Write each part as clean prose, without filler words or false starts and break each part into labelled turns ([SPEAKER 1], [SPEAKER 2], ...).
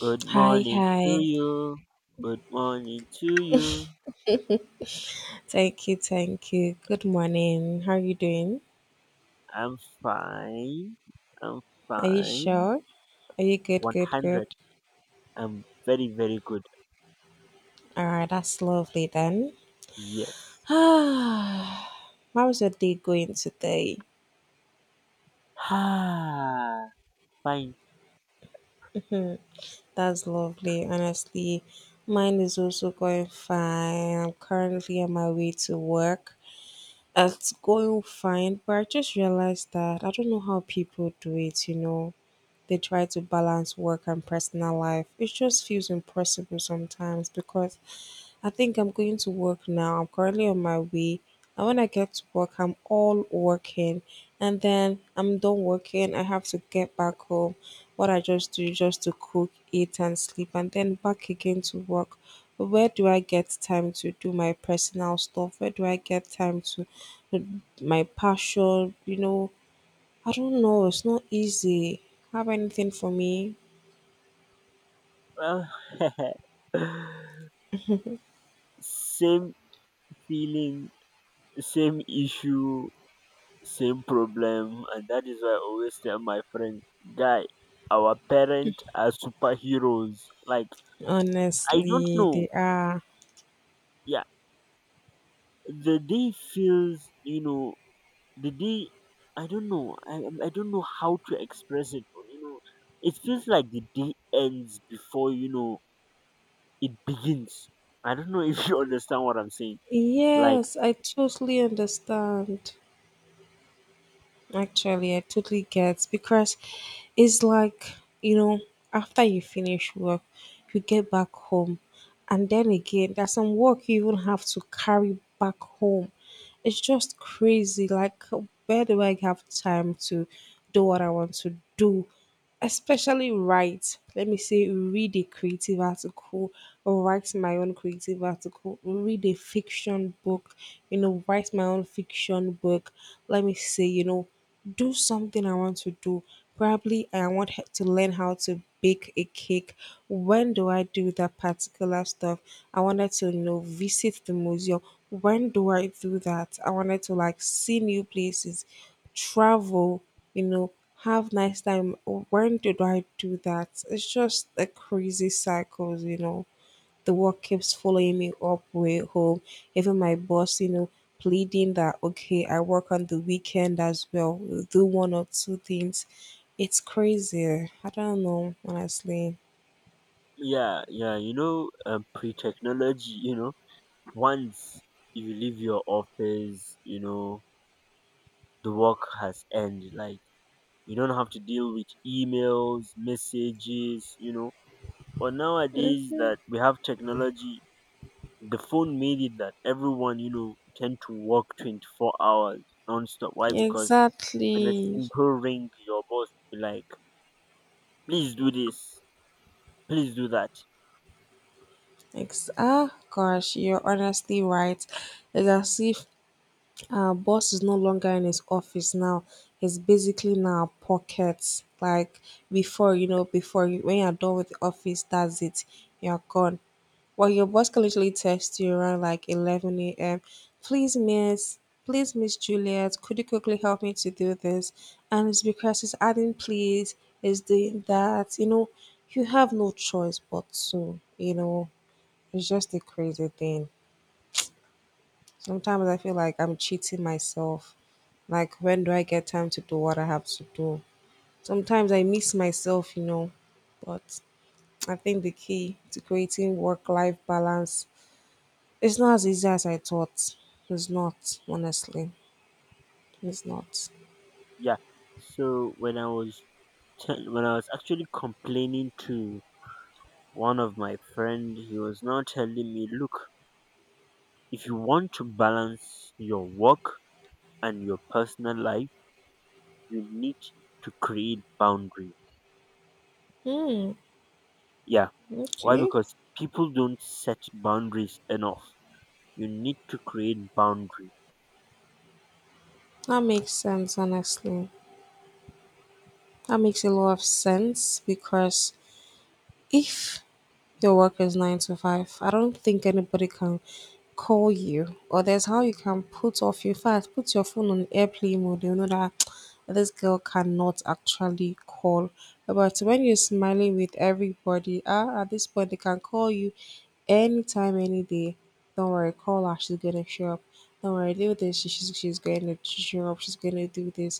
[SPEAKER 1] Good
[SPEAKER 2] Hi,
[SPEAKER 1] morning
[SPEAKER 2] hi.
[SPEAKER 1] to you. Good morning to you.
[SPEAKER 2] Thank you, thank you. Good morning. How are you doing?
[SPEAKER 1] I'm fine. I'm
[SPEAKER 2] Are you
[SPEAKER 1] fine.
[SPEAKER 2] sure? Are you good, good, good?
[SPEAKER 1] 100. I'm very, very good.
[SPEAKER 2] All right, that's lovely then.
[SPEAKER 1] Yes.
[SPEAKER 2] Ah, how was your day going today?
[SPEAKER 1] Ah, fine.
[SPEAKER 2] That's lovely, honestly. Mine is also going fine. I'm currently on my way to work. It's going fine, but I just realized that I don't know how people do it, you know. They try to balance work and personal life. It just feels impossible sometimes because I think I'm going to work now. I'm currently on my way. And when I get to work, I'm all working. And then I'm done working. I have to get back home. What I just do is just to cook, eat, and sleep, and then back again to work. Where do I get time to do my personal stuff? Where do I get time to uh, my passion? You know, I don't know. It's not easy. Have anything for me?
[SPEAKER 1] Well, same feeling, same issue, same problem. And that is why I always tell my friends, guy, our parents are superheroes. Like, I don't
[SPEAKER 2] Honestly,
[SPEAKER 1] know.
[SPEAKER 2] they are.
[SPEAKER 1] Yeah, the day feels, the day I don't know. I don't know how to express it, but it feels like the day ends before you know it begins. I don't know if you understand what I'm saying. Like,
[SPEAKER 2] Yes, I totally understand. Actually, I totally get because it's like, you know, after you finish work, you get back home. And then again, there's some work you even have to carry back home. It's just crazy. Like, where do I have time to do what I want to do? Especially write, let me say, read a creative article or write my own creative article, read a fiction book, you know, write my own fiction book, let me say, you know, do something I want to do. Probably I want to learn how to bake a cake. When do I do that particular stuff? I wanted to, you know, visit the museum. When do I do that? I wanted to, like, see new places, travel, you know, have nice time. When did I do that? It's just a crazy cycles, you know. The work keeps following me up way home. Even my boss, you know, pleading that okay, I work on the weekend as well. We'll do one or two things. It's crazy. I don't know, honestly.
[SPEAKER 1] yeah, yeah, pre-technology. Once you leave your office, the work has ended. Like, you don't have to deal with emails, messages. But nowadays that we have technology, the phone made it that everyone, tend to work 24 hours non-stop. Why? Because with a
[SPEAKER 2] Exactly.
[SPEAKER 1] simple ring, your boss be like, please do this, please do that.
[SPEAKER 2] Ah, gosh, you're honestly right. It's as if our boss is no longer in his office now. He's basically in our pockets. Like before, you know, before when you're done with the office, that's it. You're gone. Well, your boss can literally text you around like 11 a.m. Please, miss. Please, Miss Juliet, could you quickly help me to do this? And it's because he's adding please, he's doing that. You know, you have no choice but to, you know, it's just a crazy thing. Sometimes I feel like I'm cheating myself. Like, when do I get time to do what I have to do? Sometimes I miss myself, you know. But I think the key to creating work life balance is not as easy as I thought. It's not, honestly. It's not.
[SPEAKER 1] Yeah. So when I was actually complaining to one of my friend, he was now telling me, look, if you want to balance your work and your personal life, you need to create boundaries.
[SPEAKER 2] Hmm.
[SPEAKER 1] Yeah. Why?
[SPEAKER 2] Okay.
[SPEAKER 1] Because people don't set boundaries enough. You need to create boundary.
[SPEAKER 2] That makes sense, honestly. That makes a lot of sense because if your work is 9 to 5, I don't think anybody can call you, or there's how you can put off your fast, put your phone on airplane mode. You know that this girl cannot actually call. But when you're smiling with everybody, ah, at this point they can call you anytime, any day. Don't worry, call her. She's gonna show up. Don't worry, do this. She's gonna show up. She's gonna do this.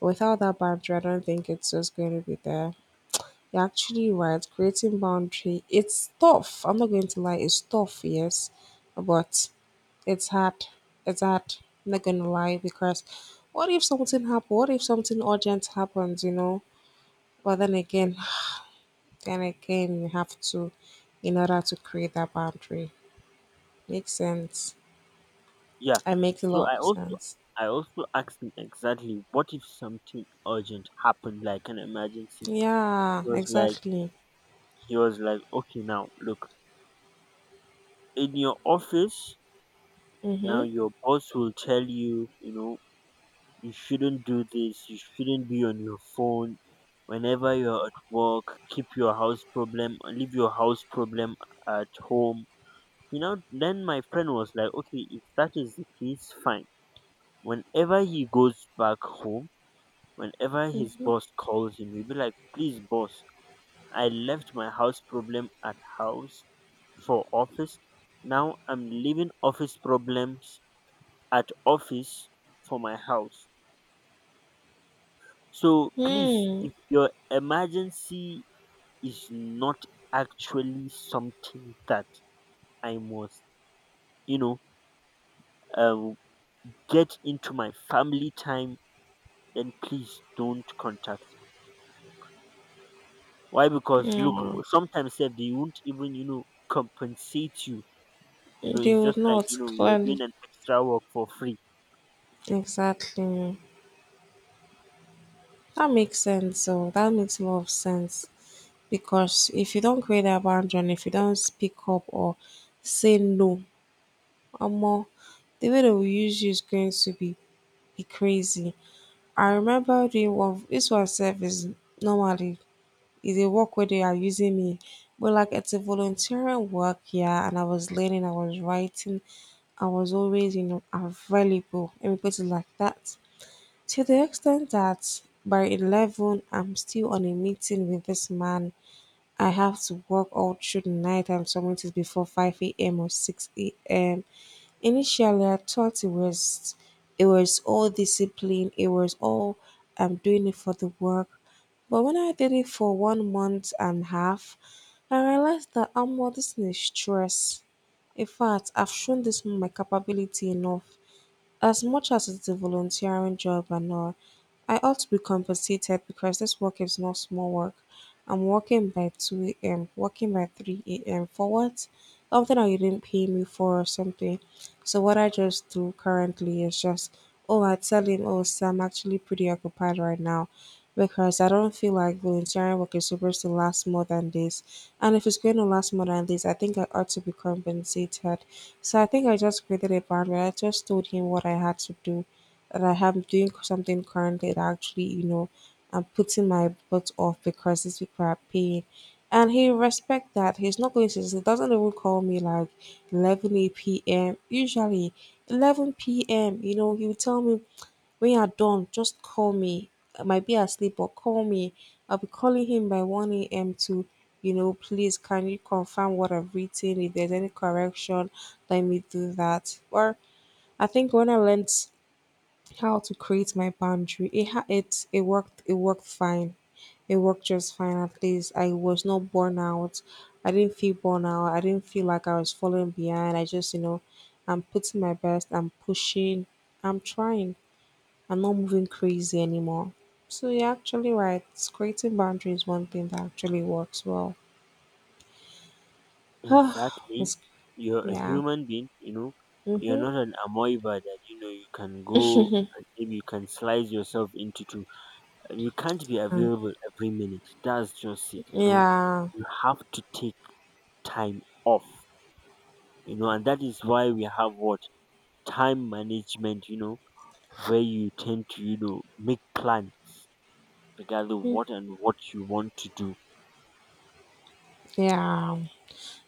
[SPEAKER 2] Without that banter, I don't think it's just gonna be there. You're actually right. Creating boundary, it's tough. I'm not going to lie, it's tough, yes, but it's hard. It's hard. I'm not going to lie because what if something happens? What if something urgent happens? You know. But then again, then again, you have to, in order to create that boundary, makes sense.
[SPEAKER 1] Yeah.
[SPEAKER 2] I make a
[SPEAKER 1] So
[SPEAKER 2] lot
[SPEAKER 1] i
[SPEAKER 2] of
[SPEAKER 1] also
[SPEAKER 2] sense.
[SPEAKER 1] i also asked him exactly what if something urgent happened, like an emergency.
[SPEAKER 2] Yeah,
[SPEAKER 1] he was like
[SPEAKER 2] exactly.
[SPEAKER 1] he was like okay, now look, in your office now
[SPEAKER 2] Mm-hmm.
[SPEAKER 1] your boss will tell you, you know you shouldn't do this, you shouldn't be on your phone. Whenever you're at work, keep your house problem, leave your house problem at home. Then my friend was like, okay, if that is the case, fine. Whenever he goes back home, whenever his
[SPEAKER 2] Mm-hmm.
[SPEAKER 1] boss calls him, he'll be like, please, boss, I left my house problem at house for office. Now I'm leaving office problems at office for my house. So please,
[SPEAKER 2] Hmm.
[SPEAKER 1] if your emergency is not actually something that I must, you know, uh, get into my family time, then please don't contact. Why? Because look,
[SPEAKER 2] Mm.
[SPEAKER 1] sometimes sef they won't even compensate you.
[SPEAKER 2] They
[SPEAKER 1] It's
[SPEAKER 2] would
[SPEAKER 1] just like
[SPEAKER 2] not
[SPEAKER 1] you're
[SPEAKER 2] clearly.
[SPEAKER 1] doing an extra work for free.
[SPEAKER 2] Exactly. That makes sense. Oh, that makes more of sense because if you don't create that boundary, if you don't speak up or say no, more the way they will use you is going to be crazy. I remember doing one. This one self is normally is a work where they are using me, but like it's a volunteering work, yeah. And I was learning, I was writing, I was always, you know, available. Let me put it like that. To the extent that by 11 I'm still on a meeting with this man, I have to work all through the night and submit it before 5 a.m. or 6 a.m. Initially, I thought it was all discipline, it was all, I'm doing it for the work. But when I did it for 1 month and a half, I realized that I'm more, this is stress. In fact, I've shown this man my capability enough. As much as it's a volunteering job and all, I ought to be compensated because this work is not small work. I'm working by 2 a.m., working by 3 a.m. for what? Something that you didn't pay me for or something. So, what I just do currently is just, oh, I tell him, oh, sir, I'm actually pretty occupied right now because I don't feel like volunteering work is supposed to last more than this. And if it's going to last more than this, I think I ought to be compensated. So I think I just created a boundary. I just told him what I had to do, that I am doing something currently that actually, you know, I'm putting my butt off because these people are paying. And he respect that. He's not going to, he doesn't even call me like 11 p.m. Usually 11 p.m., you know, he will tell me when you're done, just call me. I might be asleep, but call me. I'll be calling him by 1 a.m. to, you know, please can you confirm what I've written? If there's any correction, let me do that. Or I think when I learned how to create my boundary, it worked. It worked fine. It worked just fine. At least I was not born out. I didn't feel born out. I didn't feel like I was falling behind. I just, you know, I'm putting my best. I'm pushing. I'm trying. I'm not moving crazy anymore. So you're actually right. It's creating boundaries one thing that actually works well.
[SPEAKER 1] Exactly,
[SPEAKER 2] It's-
[SPEAKER 1] you're a
[SPEAKER 2] yeah.
[SPEAKER 1] human being. You're
[SPEAKER 2] Mm-hmm.
[SPEAKER 1] not an amoeba that you can go and maybe you can slice yourself into two. You can't be available every minute. That's just it.
[SPEAKER 2] Yeah.
[SPEAKER 1] You have to take time off. And that is why we have what time management. Where you tend to make plans regarding
[SPEAKER 2] Mm,
[SPEAKER 1] what and what you want to do.
[SPEAKER 2] yeah.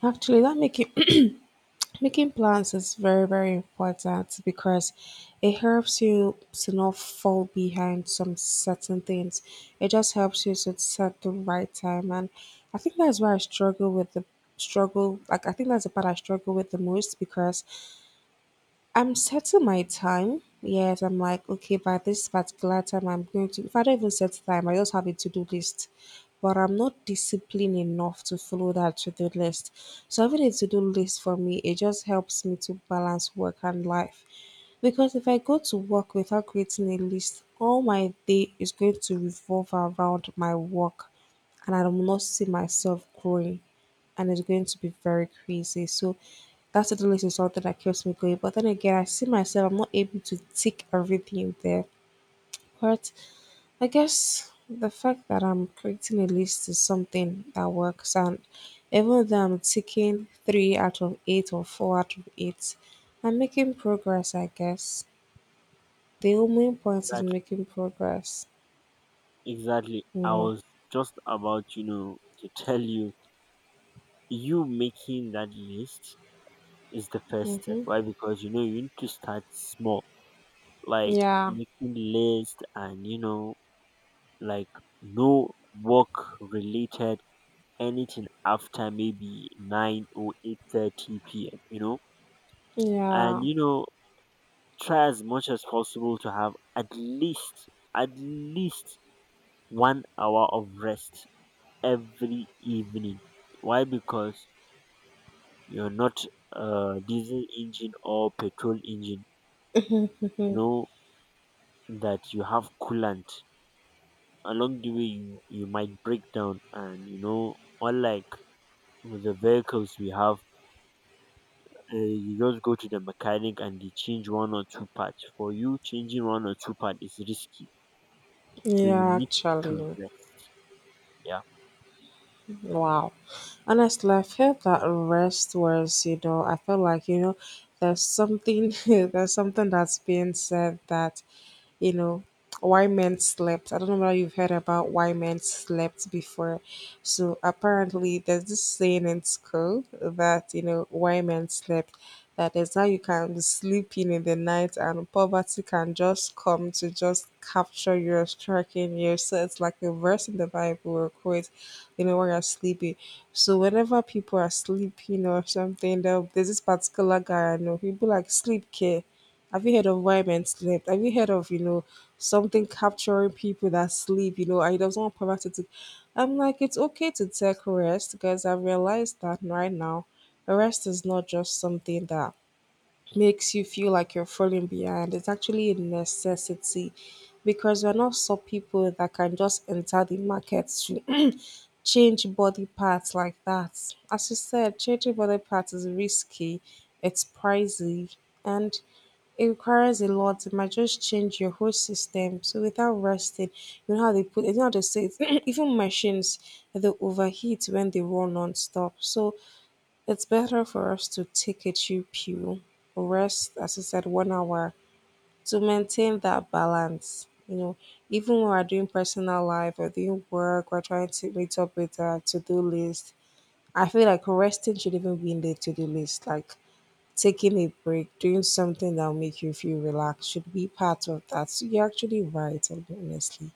[SPEAKER 2] Actually, that making making plans is very very important because it helps you to not fall behind some certain things. It just helps you to set the right time, and I think that's why I struggle with the struggle. Like, I think that's the part I struggle with the most because I'm setting my time. Yes, I'm like, okay, by this particular time, I'm going to. If I don't even set time, I just have a to do list. But I'm not disciplined enough to follow that to do list. So having a to do list for me, it just helps me to balance work and life. Because if I go to work without creating a list, all my day is going to revolve around my work and I will not see myself growing and it's going to be very crazy. So that to do list is something that keeps me going. But then again I see myself I'm not able to tick everything there. But I guess the fact that I'm creating a list is something that works and even though I'm ticking three out of eight or four out of eight, I'm making progress I guess. The only point is
[SPEAKER 1] Exactly.
[SPEAKER 2] making progress,
[SPEAKER 1] Exactly.
[SPEAKER 2] you
[SPEAKER 1] I
[SPEAKER 2] know.
[SPEAKER 1] was just about to tell you, you making that list is the first step.
[SPEAKER 2] Mhm.
[SPEAKER 1] Why? Because you need to start small, like
[SPEAKER 2] Yeah.
[SPEAKER 1] making list and, like no work related anything after maybe 9 or 8:30 p.m., you know, and,
[SPEAKER 2] Yeah.
[SPEAKER 1] you know, try as much as possible to have at least 1 hour of rest every evening. Why? Because you're not a diesel engine or petrol engine. You know that you have coolant. Along the way, you might break down, and unlike with the vehicles we have, you just go to the mechanic and they change one or two parts. For you, changing one or two parts is risky, so you
[SPEAKER 2] Yeah,
[SPEAKER 1] need to
[SPEAKER 2] actually.
[SPEAKER 1] rest. Yeah.
[SPEAKER 2] Wow. Honestly, I felt that rest was, you know, I felt like, you know, there's something there's something that's being said that, you know, why men slept. I don't know whether you've heard about why men slept before. So apparently there's this saying in school that, you know, why men slept, that is how you can be sleeping in the night and poverty can just come to just capture you, striking you. So it's like a verse in the bible or quote, you know, when you're sleepy. So whenever people are sleeping or something, there, there's this particular guy I know, people like sleep care. Have you heard of why men slept? Have you heard of, you know, something capturing people that sleep? You know, I don't want poverty to. I'm like, it's okay to take rest because I've realized that right now, rest is not just something that makes you feel like you're falling behind. It's actually a necessity because we're not some people that can just enter the market to change body parts like that. As you said, changing body parts is risky, it's pricey, and it requires a lot. It might just change your whole system. So without resting, you know how they put, you know how they say, it, even machines, they overheat when they run non-stop. So it's better for us to take a chill pill, rest, as I said, 1 hour to maintain that balance. You know, even when we're doing personal life or doing work, we're trying to meet up with a to-do list. I feel like resting should even be in the to-do list. Like, taking a break, doing something that'll make you feel relaxed should be part of that. So you're actually right, and honestly.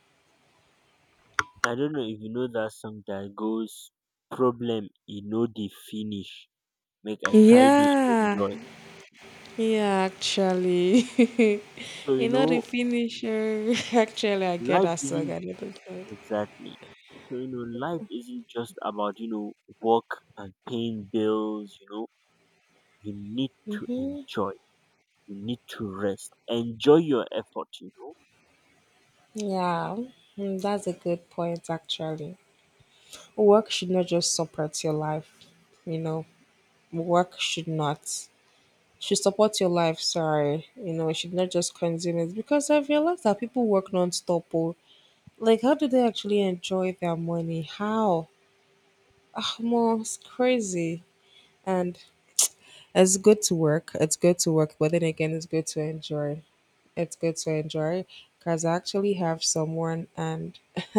[SPEAKER 1] I don't know if you know that song that goes problem e no dey finish make I try dey
[SPEAKER 2] Yeah,
[SPEAKER 1] enjoy.
[SPEAKER 2] yeah, actually.
[SPEAKER 1] So
[SPEAKER 2] You
[SPEAKER 1] you
[SPEAKER 2] know, the
[SPEAKER 1] know
[SPEAKER 2] finisher. Actually, I get
[SPEAKER 1] life
[SPEAKER 2] that song
[SPEAKER 1] isn't
[SPEAKER 2] a little bit.
[SPEAKER 1] exactly so life isn't just about work and paying bills. You need to
[SPEAKER 2] Mm-hmm.
[SPEAKER 1] enjoy. You need to rest. Enjoy your effort.
[SPEAKER 2] Yeah, mm, that's a good point, actually. Work should not just support your life, you know. Work should not, should support your life. Sorry, you know, it should not just consume it because I've realized that people work non-stop. Oh. Like, how do they actually enjoy their money? How? Ah, Mo, it's crazy. And it's good to work. It's good to work, but then again, it's good to enjoy. It's good to enjoy because I actually have someone, and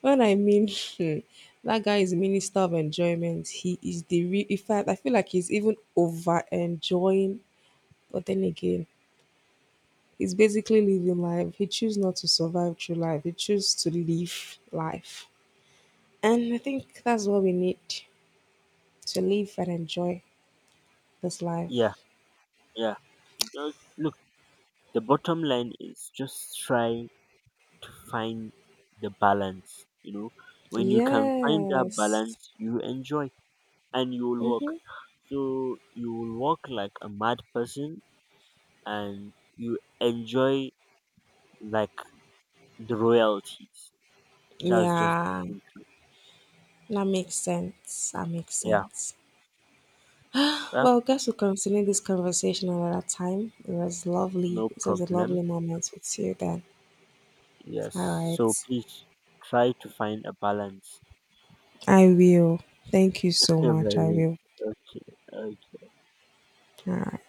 [SPEAKER 2] when I mean hmm, that guy is minister of enjoyment. He is the real. In fact, I feel like he's even over enjoying. But then again, he's basically living life. He chooses not to survive through life. He chooses to live life. And I think that's what we need, to live and enjoy this
[SPEAKER 1] Yeah,
[SPEAKER 2] life.
[SPEAKER 1] yeah. Just look, the bottom line is just try, find the balance. When you can find that
[SPEAKER 2] Yes.
[SPEAKER 1] balance, you enjoy and you will
[SPEAKER 2] Mm-hmm.
[SPEAKER 1] work so you will work like a mad person and you enjoy like the royalties. That's just
[SPEAKER 2] Yeah,
[SPEAKER 1] the truth.
[SPEAKER 2] that makes sense. That makes
[SPEAKER 1] Yeah.
[SPEAKER 2] sense.
[SPEAKER 1] Well,
[SPEAKER 2] Well, I guess we'll continue this conversation another time. It was lovely.
[SPEAKER 1] no
[SPEAKER 2] It was a lovely
[SPEAKER 1] problem.
[SPEAKER 2] moment with you then.
[SPEAKER 1] Yes.
[SPEAKER 2] All
[SPEAKER 1] So
[SPEAKER 2] right.
[SPEAKER 1] please try to find a balance.
[SPEAKER 2] I will. Thank you so much. I
[SPEAKER 1] Very.
[SPEAKER 2] will.
[SPEAKER 1] Okay.
[SPEAKER 2] All right.